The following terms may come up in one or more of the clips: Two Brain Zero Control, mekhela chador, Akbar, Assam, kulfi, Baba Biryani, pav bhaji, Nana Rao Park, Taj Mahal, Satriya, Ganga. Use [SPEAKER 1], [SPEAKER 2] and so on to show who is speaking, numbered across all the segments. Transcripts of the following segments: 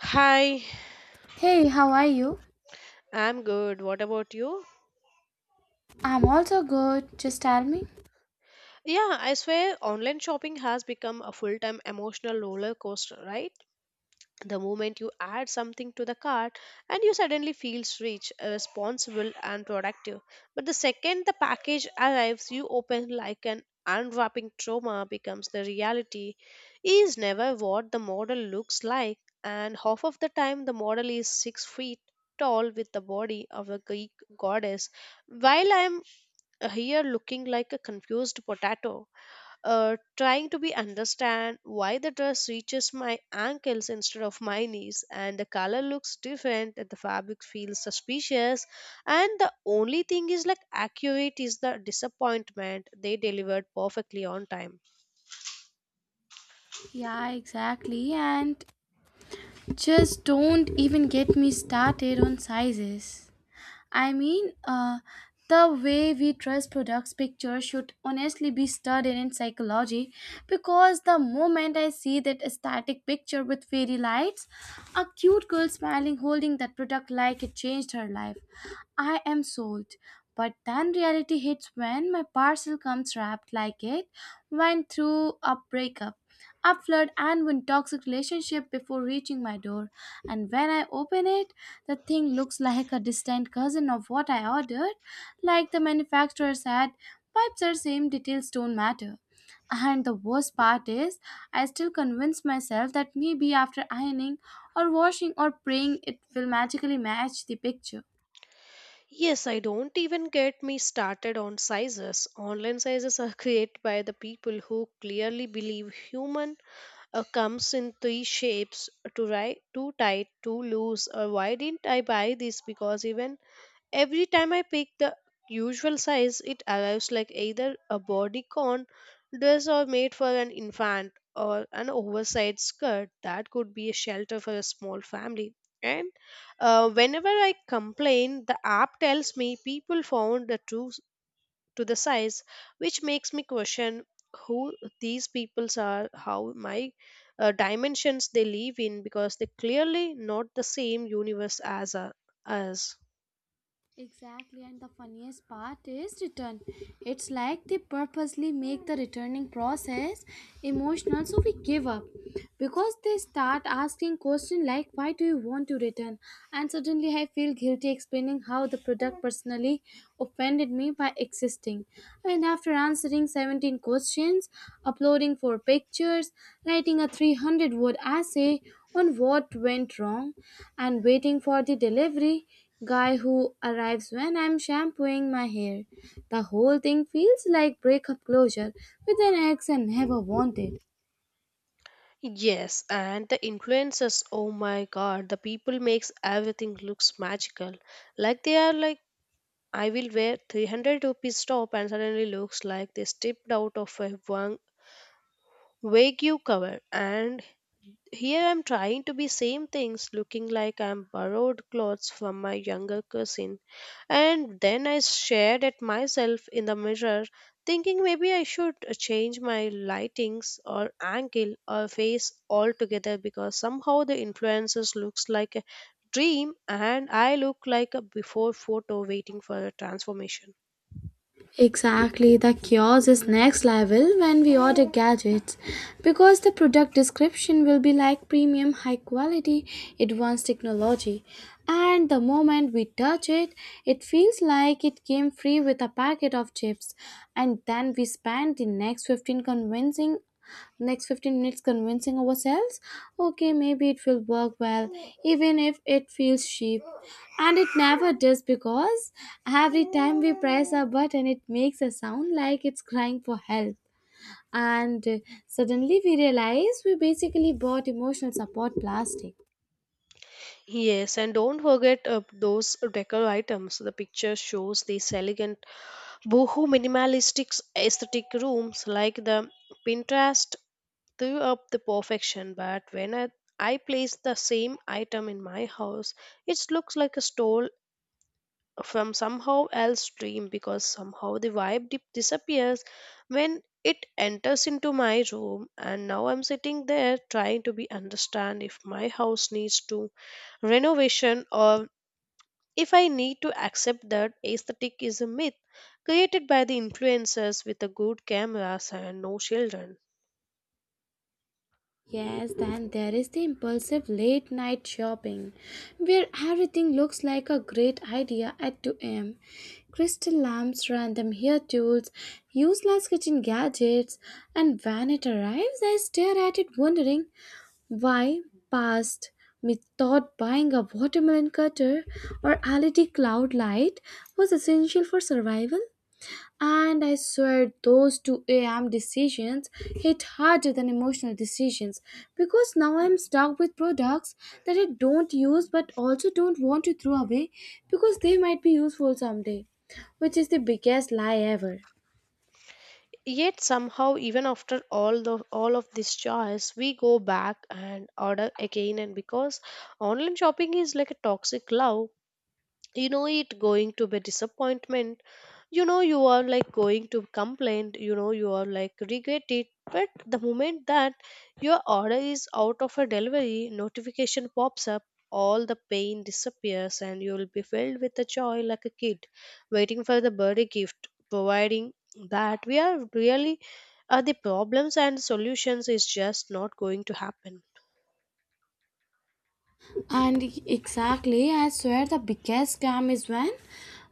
[SPEAKER 1] Hi,
[SPEAKER 2] Hey, how are you?
[SPEAKER 1] I'm good. What about you?
[SPEAKER 2] I'm also good. Just tell me.
[SPEAKER 1] Yeah, I swear online shopping has become a full time emotional roller coaster, right? The moment you add something to the cart and you suddenly feel rich, responsible, and productive. But the second the package arrives, you open like an unwrapping trauma becomes the reality is never what the model looks like, and half of the time the model is 6 feet tall with the body of a Greek goddess while I'm here looking like a confused potato, trying to be understand why the dress reaches my ankles instead of my knees, and the color looks different, and the fabric feels suspicious, and the only thing is like accurate is the disappointment they delivered perfectly on time.
[SPEAKER 2] Yeah, exactly. And just don't even get me started on sizes. I mean, uh, the way we trust products pictures should honestly be studied in psychology, because the moment I see that static picture with fairy lights, a cute girl smiling holding that product like it changed her life, I am sold. But then reality hits when my parcel comes wrapped like it went through a breakup, a flood, and one toxic relationship before reaching my door. And when I open it, the thing looks like a distant cousin of what I ordered, like the manufacturer said, pipes are same, details don't matter. And the worst part is, I still convince myself that maybe after ironing or washing or praying, it will magically match the picture.
[SPEAKER 1] Yes, I don't even get me started on sizes. Online sizes are created by the people who clearly believe human comes in three shapes too right too tight too loose or why didn't I buy this because even every time I pick the usual size it arrives like either a bodycon dress or made for an infant or an oversized skirt that could be a shelter for a small family and whenever I complain the app tells me people found the true to the size, which makes me question who these peoples are, how my dimensions they live in, because they clearly not the same universe as us.
[SPEAKER 2] Exactly, and the funniest part is return. It's like they purposely make the returning process emotional so we give up, because they start asking questions like why do you want to return, and suddenly I feel guilty explaining how the product personally offended me by existing. And after answering 17 questions, uploading 4 pictures, writing a 300 word essay on what went wrong, and waiting for the delivery guy who arrives when I'm shampooing my hair. The whole thing feels like breakup closure with an ex I never wanted.
[SPEAKER 1] Yes, and the influences, oh my god, the people makes everything looks magical. Like they are like I will wear 300 rupees top and suddenly looks like they stepped out of a wagyu cover, and here I'm trying to be same things, looking like I'm borrowed clothes from my younger cousin. And then I stared at myself in the mirror, thinking maybe I should change my lightings or angle or face altogether because somehow the influences looks like a dream and I look like a before photo waiting for a transformation.
[SPEAKER 2] Exactly, the kiosk is next level when we order gadgets, because the product description will be like premium, high quality, advanced technology. And the moment we touch it, it feels like it came free with a packet of chips. And then we spend the next 15 minutes convincing ourselves, okay, maybe it will work well even if it feels cheap, and it never does because every time we press a button, it makes a sound like it's crying for help. And suddenly we realize we basically bought emotional support plastic.
[SPEAKER 1] Yes, and don't forget those decor items. The picture shows these elegant Boho minimalistic aesthetic rooms like the Pinterest threw up the perfection, but when I place the same item in my house, it looks like a stole from somehow else dream because somehow the vibe dip disappears when it enters into my room, and now I'm sitting there trying to be understand if my house needs to renovation or if I need to accept that aesthetic is a myth created by the influencers with a good cameras and no children.
[SPEAKER 2] Yes, then there is the impulsive late night shopping where everything looks like a great idea at 2 am. Crystal lamps, random hair tools, useless kitchen gadgets, and when it arrives, I stare at it wondering why past me thought buying a watermelon cutter or LED cloud light was essential for survival. And I swear those 2 a.m. decisions hit harder than emotional decisions, because now I'm stuck with products that I don't use but also don't want to throw away because they might be useful someday, which is the biggest lie ever.
[SPEAKER 1] Yet somehow even after all of this choice we go back and order again, and because online shopping is like a toxic love, it going to be disappointment, you are like going to complain, you are like regret it. But the moment that your order is out of a delivery notification pops up, all the pain disappears and you will be filled with the joy like a kid waiting for the birthday gift, providing that we are really are the problems and solutions is just not going to happen.
[SPEAKER 2] And exactly, I swear the biggest scam is when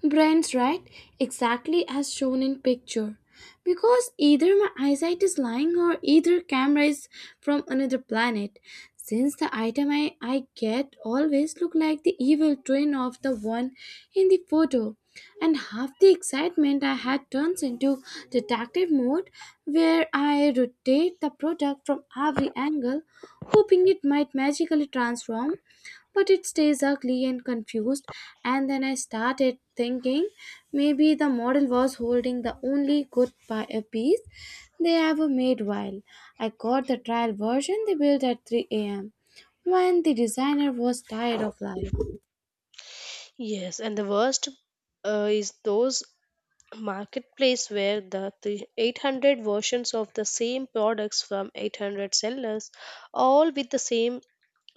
[SPEAKER 2] brains, right? Exactly as shown in picture. Because either my eyesight is lying or either camera is from another planet. Since the item I get always look like the evil twin of the one in the photo. And half the excitement I had turns into detective mode, where I rotate the product from every angle hoping it might magically transform, but it stays ugly and confused. And then I started thinking, maybe the model was holding the only good piece they ever made while I got the trial version they built at 3 a.m. when the designer was tired of life.
[SPEAKER 1] Yes, and the worst is those marketplace where the 800 versions of the same products from 800 sellers, all with the same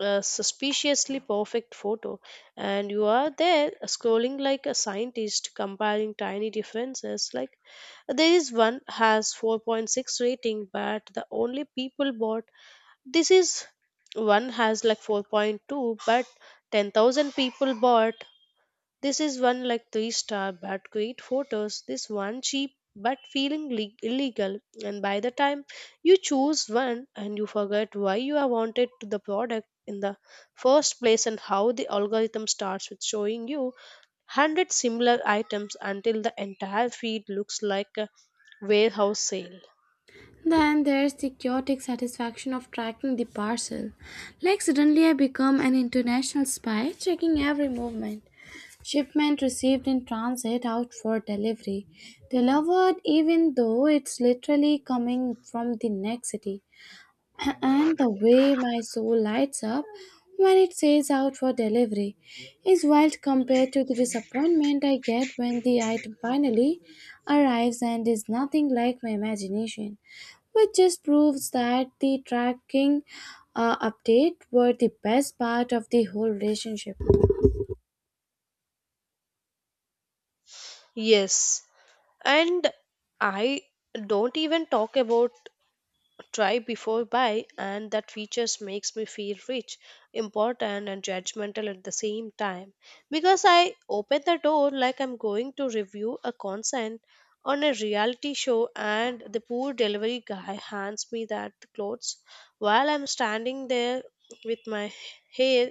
[SPEAKER 1] suspiciously perfect photo, and you are there scrolling like a scientist comparing tiny differences like there is one has 4.6 rating but the only people bought this is, one has like 4.2 but 10,000 people bought this is, one like three star but great photos. This one cheap but feeling illegal. And by the time you choose one, and you forget why you are wanted to the product in the first place, and how the algorithm starts with showing you 100 similar items until the entire feed looks like a warehouse sale.
[SPEAKER 2] Then there's the chaotic satisfaction of tracking the parcel. Like, suddenly I become an international spy checking every movement. Shipment received, in transit, out for delivery. Delivered, even though it's literally coming from the next city. And the way my soul lights up when it says out for delivery is wild compared to the disappointment I get when the item finally arrives and is nothing like my imagination, which just proves that the tracking update were the best part of the whole relationship.
[SPEAKER 1] Yes, and I don't even talk about try before buy, and that features makes me feel rich, important, and judgmental at the same time, because I open the door like I'm going to review a consent on a reality show, and the poor delivery guy hands me that clothes while I'm standing there with my hair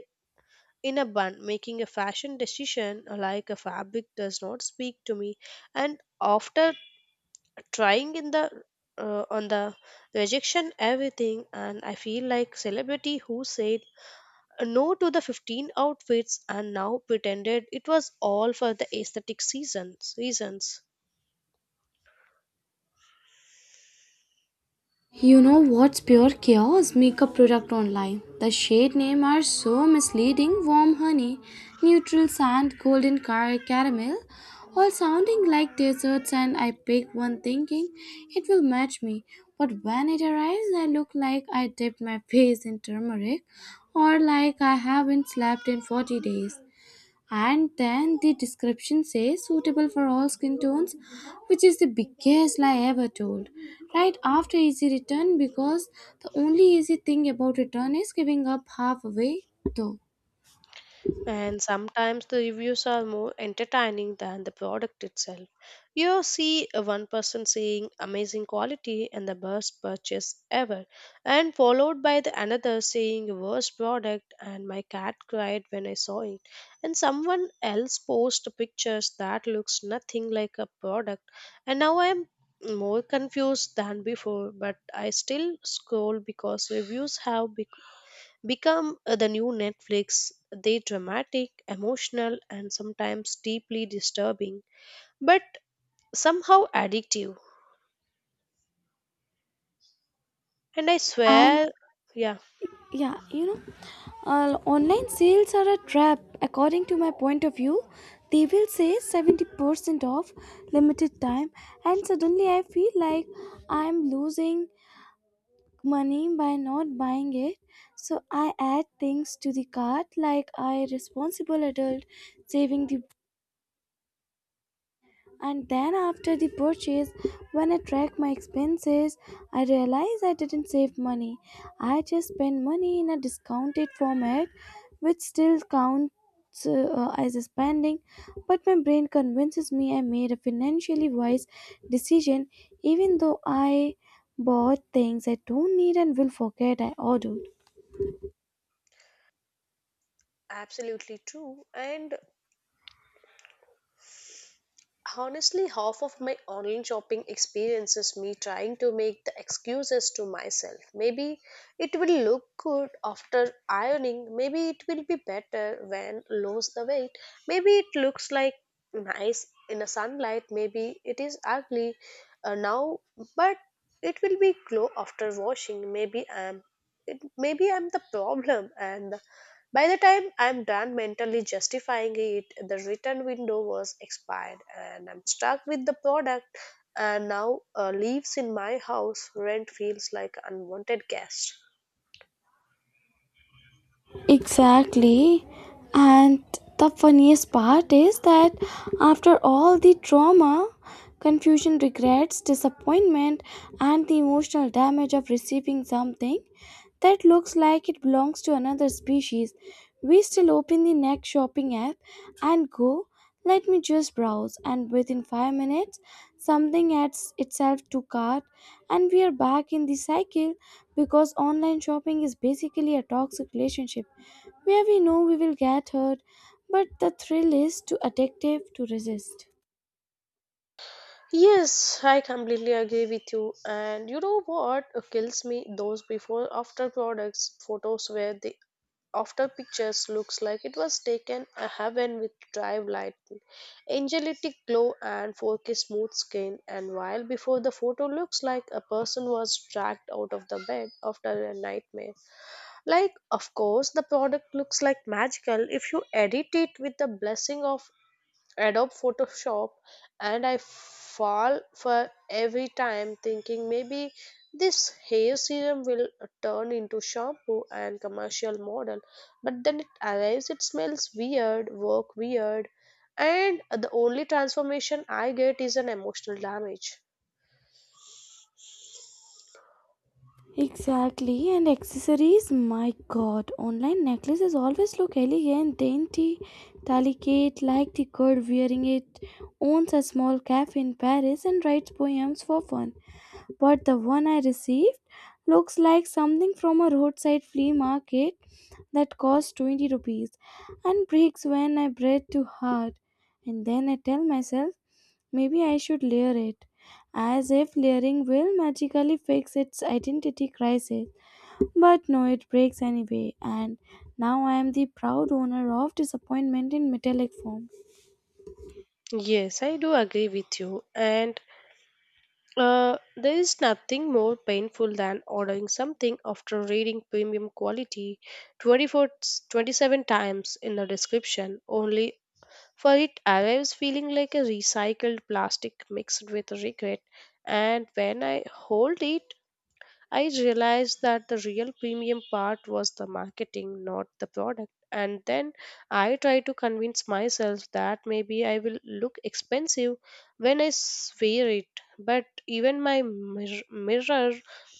[SPEAKER 1] in a bun making a fashion decision like a fabric does not speak to me. And after trying in the on the rejection everything, and I feel like celebrity who said no to the 15 outfits and now pretended it was all for the aesthetic seasons reasons.
[SPEAKER 2] You know what's pure chaos? Makeup product online. The shade name are so misleading. Warm honey, neutral sand, golden car caramel, all sounding like desserts. And I pick one thinking it will match me, but when it arrives, I look like I dipped my face in turmeric, or like I haven't slept in 40 days. And then the description says suitable for all skin tones, which is the biggest lie ever told, right after easy return, because the only easy thing about return is giving up halfway though.
[SPEAKER 1] And sometimes the reviews are more entertaining than the product itself. You see a one person saying amazing quality and the best purchase ever, and followed by the another saying worst product and my cat cried when I saw it, and someone else posts pictures that looks nothing like a product, and now I am more confused than before, but I still scroll because reviews have become the new Netflix. They dramatic, emotional, and sometimes deeply disturbing, but somehow addictive. And I
[SPEAKER 2] And
[SPEAKER 1] swear, yeah,
[SPEAKER 2] yeah you know online sales are a trap. According to my point of view, they will say 70% off, limited time, and suddenly I feel like I am losing money by not buying it. So I add things to the cart like I responsible adult saving the, and then after the purchase when I track my expenses I realize I didn't save money. I just spent money in a discounted format, which still counts as a spending, but my brain convinces me I made a financially wise decision even though I bought things I don't need and will forget I ordered.
[SPEAKER 1] absolutely true. And honestly, half of my online shopping experience is me trying to make the excuses to myself. Maybe it will look good after ironing, maybe it will be better when lose the weight, maybe it looks like nice in the sunlight, maybe it is ugly now, but it will be glow after washing. Maybe I'm it, maybe I'm the problem, and by the time I'm done mentally justifying it, the return window was expired, and I'm stuck with the product and now lives in my house. Rent feels like unwanted guest.
[SPEAKER 2] Exactly. And the funniest part is that after all the trauma, confusion, regrets, disappointment, and the emotional damage of receiving something that looks like it belongs to another species, we still open the next shopping app and go, let me just browse, and within 5 minutes, something adds itself to cart, and we are back in the cycle because online shopping is basically a toxic relationship where we know we will get hurt, but the thrill is too addictive to resist.
[SPEAKER 1] Yes, I completely agree with you. And you know what kills me? Those before after products photos where the after pictures looks like it was taken a heaven with drive light, angelic glow and 4K smooth skin, and while before the photo looks like a person was dragged out of the bed after a nightmare. Like of course the product looks like magical if you edit it with the blessing of adopt photoshop, and I fall for every time thinking maybe this hair serum will turn into shampoo and commercial model, but then it arrives, it smells weird, work weird, and the only transformation I get is an emotional damage.
[SPEAKER 2] Exactly, and accessories, my god, online necklaces always look elegant, dainty, delicate, like the girl wearing it owns a small cafe in Paris and writes poems for fun. But the one I received looks like something from a roadside flea market that costs 20 rupees and breaks when I breathe too hard. And then I tell myself, maybe I should layer it, as if layering will magically fix its identity crisis. But no, it breaks anyway, and now I am the proud owner of disappointment in metallic form.
[SPEAKER 1] Yes, I do agree with you. And there is nothing more painful than ordering something after reading premium quality 24 27 times in the description, only for it arrives feeling like a recycled plastic mixed with regret. And when I hold it, I realized that the real premium part was the marketing, not the product. And then I try to convince myself that maybe I will look expensive when I wear it. But even my mirror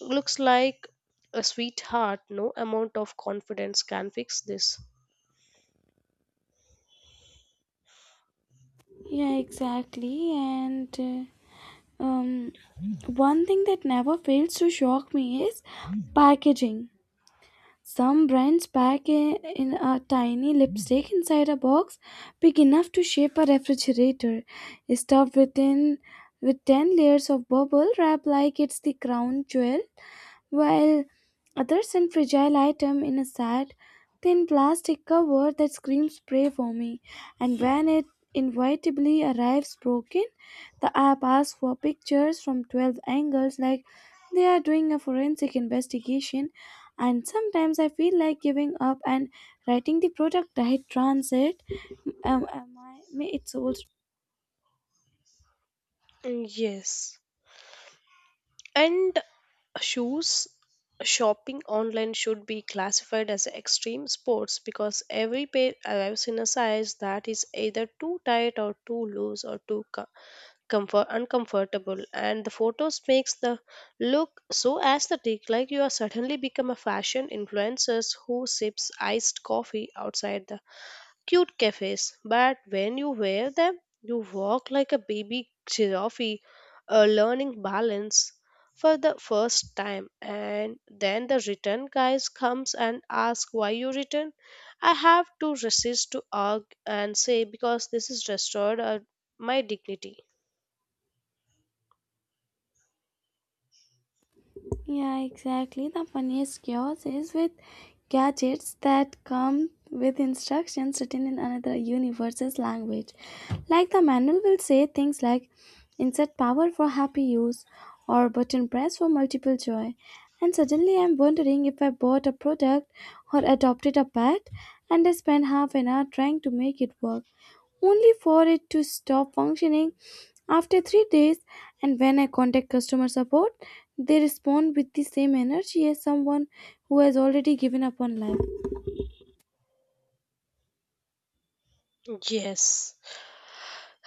[SPEAKER 1] looks like a sweetheart. No amount of confidence can fix this.
[SPEAKER 2] Yeah, exactly, and. Um, one thing that never fails to shock me is packaging. Some brands pack in a tiny lipstick inside a box big enough to shape a refrigerator, stuffed with 10 layers of bubble wrap like it's the crown jewel, while others send fragile item in a sad, thin plastic cover that screams pray for me. And when it inevitably arrives broken, the app asks for pictures from 12 angles like they are doing a forensic investigation. And sometimes I feel like giving up and writing the product right transit. Am I, may its soul.
[SPEAKER 1] Mm, yes. And shoes shopping online should be classified as extreme sports, because every pair arrives in a size that is either too tight or too loose or too co- comfort uncomfortable, and the photos makes the look so aesthetic like you are suddenly become a fashion influencers who sips iced coffee outside the cute cafes, but when you wear them, you walk like a baby giraffe, learning balance for the first time. And then the return guys comes and asks why you return. I have to resist to argue and say because this is restored my dignity.
[SPEAKER 2] Yeah, exactly. The funniest chaos is with gadgets that come with instructions written in another universe's language. Like the manual will say things like, insert power for happy use, or button press for multiple joy. And suddenly I'm wondering if I bought a product or adopted a pet, and I spent half an hour trying to make it work only for it to stop functioning after 3 days. And when I contact customer support, they respond with the same energy as someone who has already given up on life.
[SPEAKER 1] Yes.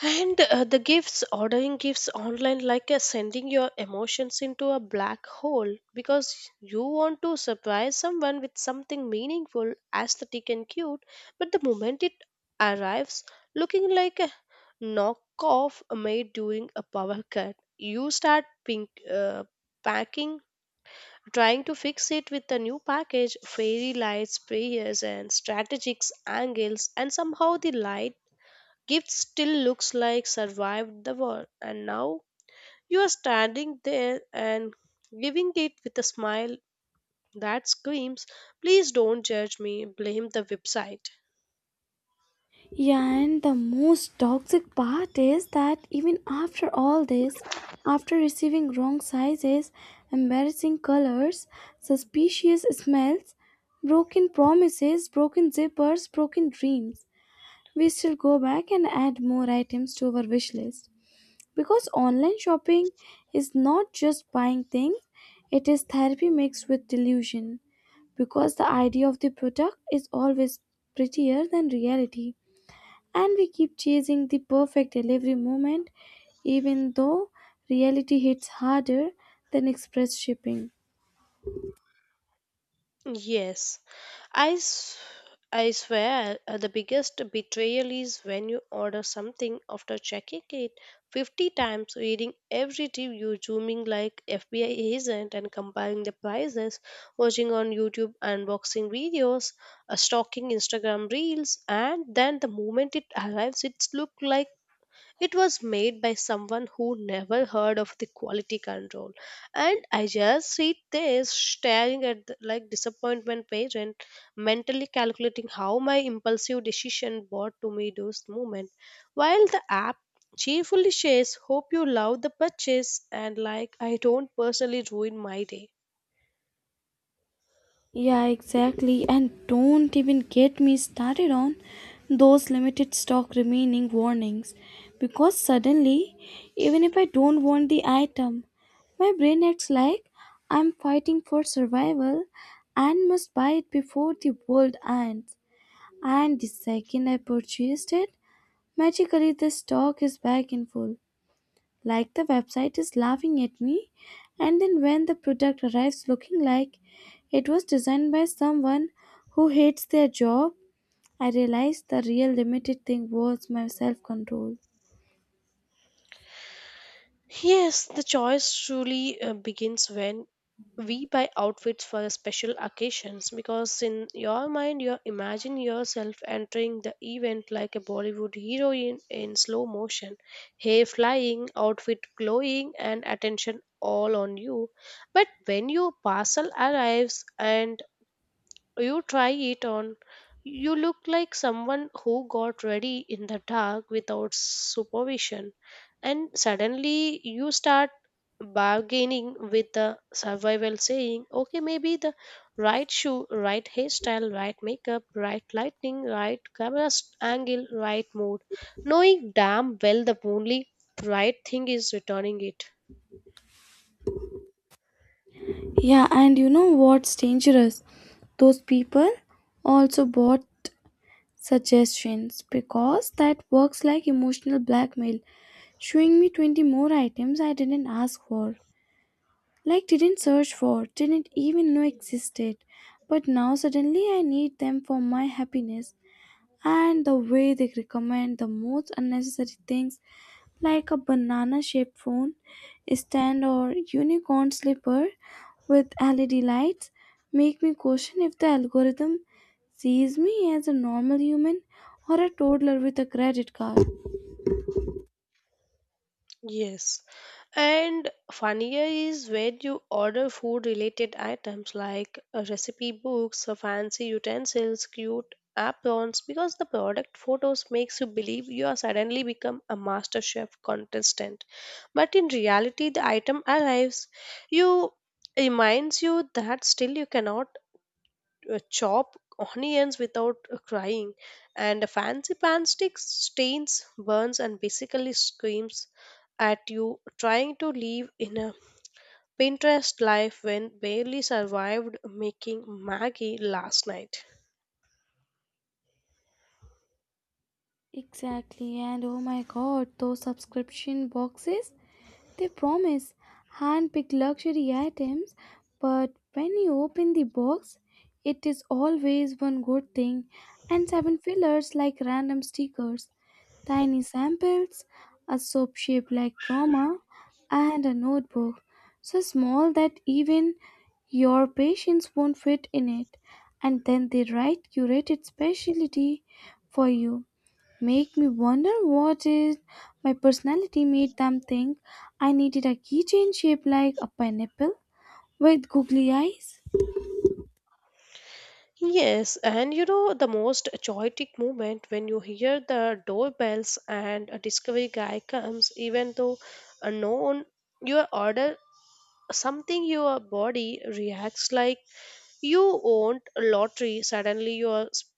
[SPEAKER 1] And the gifts, ordering gifts online, like sending your emotions into a black hole, because you want to surprise someone with something meaningful, aesthetic, and cute, but the moment it arrives, looking like a knockoff made during a power cut, you start packing. Trying to fix it with a new package, fairy lights, prayers, and strategic angles, and somehow the light gift still looks like survived the war, and now you are standing there and giving it with a smile that screams, please don't judge me, blame the website.
[SPEAKER 2] Yeah, and the most toxic part is that even after all this, after receiving wrong sizes, embarrassing colors, suspicious smells, broken promises, broken zippers, broken dreams, we still go back and add more items to our wish list. Because online shopping is not just buying things, it is therapy mixed with delusion. Because the idea of the product is always prettier than reality. And we keep chasing the perfect delivery moment, even though reality hits harder than express shipping.
[SPEAKER 1] Yes, I, s- I swear the biggest betrayal is when you order something after checking it 50 times, reading every review, zooming like FBI agent and comparing the prices, watching on YouTube unboxing videos, stalking Instagram reels, and then the moment it arrives, it's look like it was made by someone who never heard of the quality control. And I just sit there staring at the, like, disappointment page, and mentally calculating how my impulsive decision brought to me those moments, while the app cheerfully says, hope you love the purchase, and like I don't personally ruin my day.
[SPEAKER 2] Yeah, exactly. And don't even get me started on those limited stock remaining warnings, because suddenly, even if I don't want the item, my brain acts like I'm fighting for survival and must buy it before the world ends. And the second I purchased it, magically the stock is back in full like the website is laughing at me. And then when the product arrives looking like it was designed by someone who hates their job, I realized the real limited thing was my self control.
[SPEAKER 1] Yes, the choice truly begins when we buy outfits for special occasions, because in your mind you imagine yourself entering the event like a Bollywood heroine in slow motion, hair flying, outfit glowing, and attention all on you. But when your parcel arrives and you try it on, you look like someone who got ready in the dark without supervision, and suddenly you start bargaining with the survival, saying, okay, maybe the right shoe, right hairstyle, right makeup, right lighting, right camera angle, right mood, knowing damn well the only right thing is returning it.
[SPEAKER 2] Yeah, and you know what's dangerous, those people also bought suggestions, because that works like emotional blackmail, showing me 20 more items I didn't ask for, like didn't search for, didn't even know existed. But now suddenly I need them for my happiness. And the way they recommend the most unnecessary things, like a banana shaped phone stand or unicorn slipper with LED lights, make me question if the algorithm sees me as a normal human or a toddler with a credit card.
[SPEAKER 1] Yes. And funnier is when you order food related items like recipe books, fancy utensils, cute aprons, because the product photos makes you believe you are suddenly become a master chef contestant. But in reality the item arrives, you reminds you that still you cannot chop onions without crying, and fancy pan sticks stains, burns, and basically screams at you trying to live in a Pinterest life when barely survived making Maggie last night.
[SPEAKER 2] Exactly, and oh my god, those subscription boxes. They promise hand-picked luxury items, but when you open the box, it is always one good thing and seven fillers like random stickers, tiny samples, a soap shaped like trauma, and a notebook so small that even your patience won't fit in it. And then they write curated specialty for you, make me wonder what is my personality made them think I needed a keychain shaped like a pineapple with googly eyes.
[SPEAKER 1] Yes, and you know the most chaotic moment when you hear the doorbells and a delivery guy comes, even though unknown, your order something, your body reacts like you will a lottery, suddenly you're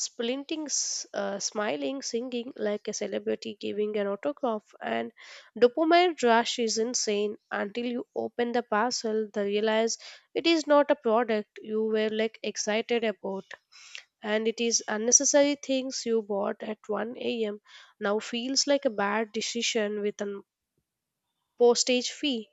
[SPEAKER 1] splinting, smiling, singing like a celebrity, giving an autograph, and dopamine rush is insane until you open the parcel, they realize it is not a product you were like excited about. And it is unnecessary things you bought at 1 a.m. now feels like a bad decision with a postage fee.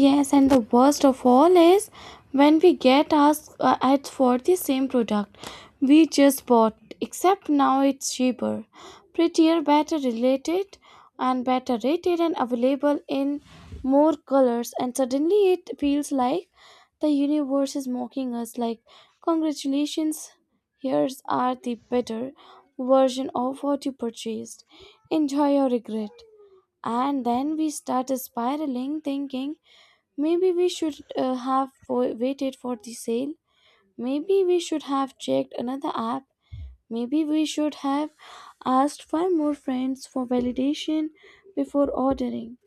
[SPEAKER 2] Yes, and the worst of all is when we get asked ads for the same product we just bought, except now it's cheaper, prettier, better related, and better rated, and available in more colors. And suddenly it feels like the universe is mocking us like, congratulations, here's are the better version of what you purchased. Enjoy your regret. And then we start spiraling, thinking, maybe we should have waited for the sale. Maybe we should have checked another app. Maybe we should have asked five more friends for validation before ordering.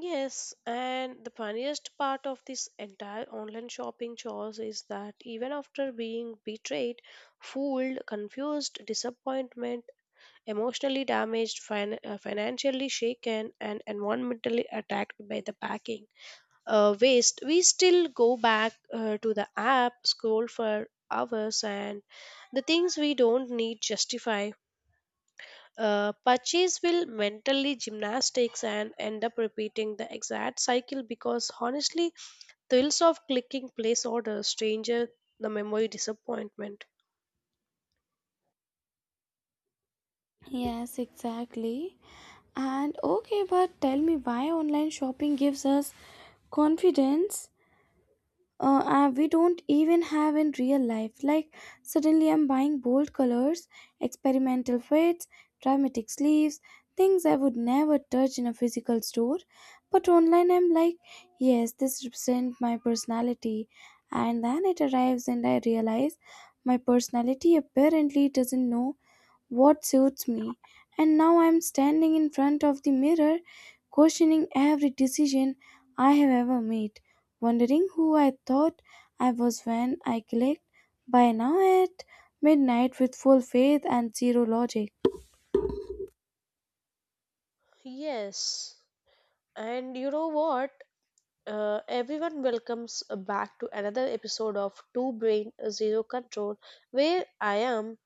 [SPEAKER 1] Yes, and the funniest part of this entire online shopping chores is that even after being betrayed, fooled, confused, disappointment, emotionally damaged, financially shaken, and environmentally attacked by the packing waste, we still go back to the app, scroll for hours, and the things we don't need justify purchase will mentally gymnastics and end up repeating the exact cycle, because honestly, thrills of clicking place order stranger the memory disappointment.
[SPEAKER 2] Yes, exactly. And okay, but tell me why online shopping gives us confidence we don't even have in real life. Like, suddenly I'm buying bold colors, experimental fits, dramatic sleeves, things I would never touch in a physical store. But online, I'm like, yes, this represents my personality. And then it arrives, and I realize my personality apparently doesn't know what suits me. And now I'm standing in front of the mirror, questioning every decision I have ever made, wondering who I thought I was when I clicked by now at midnight with full faith and zero logic.
[SPEAKER 1] Yes, and you know what? Everyone welcomes back to another episode of Two Brain Zero Control, where I am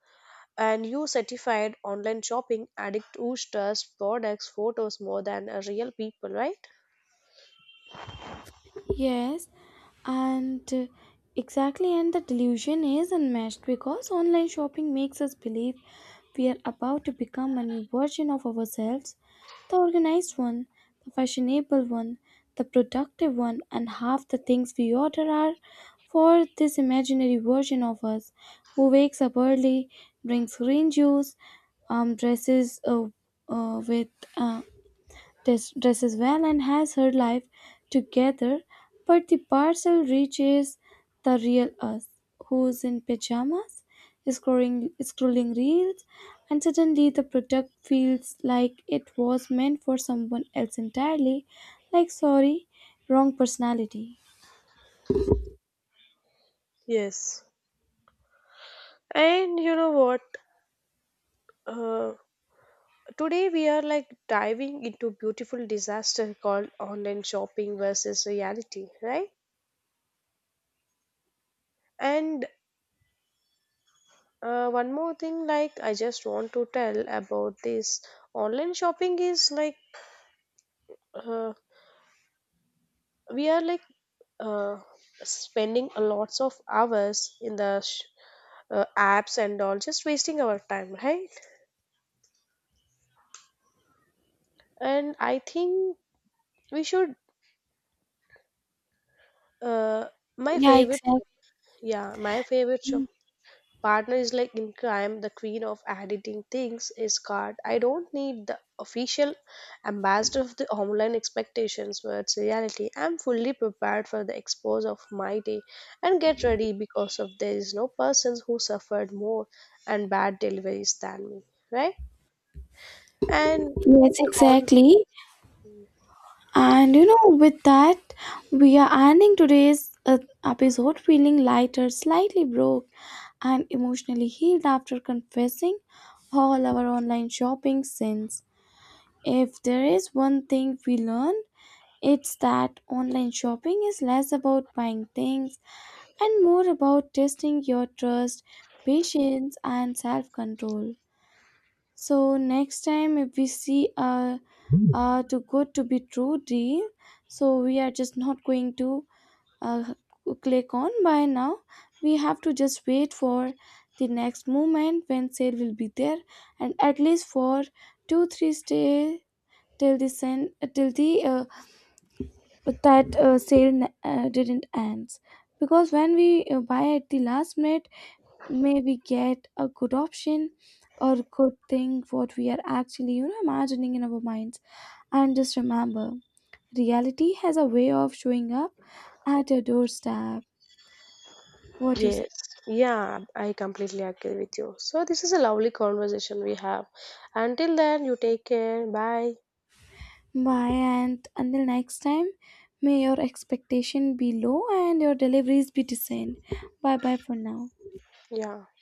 [SPEAKER 1] and you certified online shopping addict who trusts products, photos more than a real people, right?
[SPEAKER 2] Yes, and exactly, and the delusion is unmatched because online shopping makes us believe we are about to become a new version of ourselves, the organized one, the fashionable one, the productive one, and half the things we order are for this imaginary version of us who wakes up early, drinks green juice, um, dresses uh, uh, with uh, dresses well and has her life together, but the parcel reaches the real us, who's in pajamas, scrolling reels, and suddenly the product feels like it was meant for someone else entirely. Like, sorry, wrong personality.
[SPEAKER 1] Yes. And you know what? Uh, Today we are like diving into beautiful disaster called online shopping versus reality, right? And one more thing, like I just want to tell about this online shopping is like uh, we are like uh, spending a lots of hours in the apps and all, just wasting our time, right? And I think we should. Uh, my
[SPEAKER 2] Yeah,
[SPEAKER 1] favorite,
[SPEAKER 2] exactly.
[SPEAKER 1] yeah, my favorite shop partner is like in crime, the queen of editing things is card, I don't need the official ambassador of the online expectations Words reality, I'm fully prepared for the expose of my day, and get ready because of there is no persons who suffered more and bad deliveries than me, right. and
[SPEAKER 2] Yes,
[SPEAKER 1] on
[SPEAKER 2] exactly. And you know, with that, we are ending today's episode feeling lighter, slightly broke, and emotionally healed after confessing all our online shopping sins. If there is one thing we learned, it's that online shopping is less about buying things and more about testing your trust, patience, and self control. So next time if we see too good to be true deal, so we are just not going to uh, click on buy now. We have to just wait for the next moment when sale will be there, and at least for 2 3 stay till the that sale didn't ends. Because when we buy at the last minute, may we get a good option or good thing what we are actually, you know, imagining in our minds. And just remember, reality has a way of showing up at your doorstep. What you say?
[SPEAKER 1] Yes, yeah, I completely agree with you, so this is a lovely conversation we have, until then you take care. Bye.
[SPEAKER 2] Bye. And until next time, may your expectation be low and your deliveries be decent. Bye bye for now.
[SPEAKER 1] Yeah.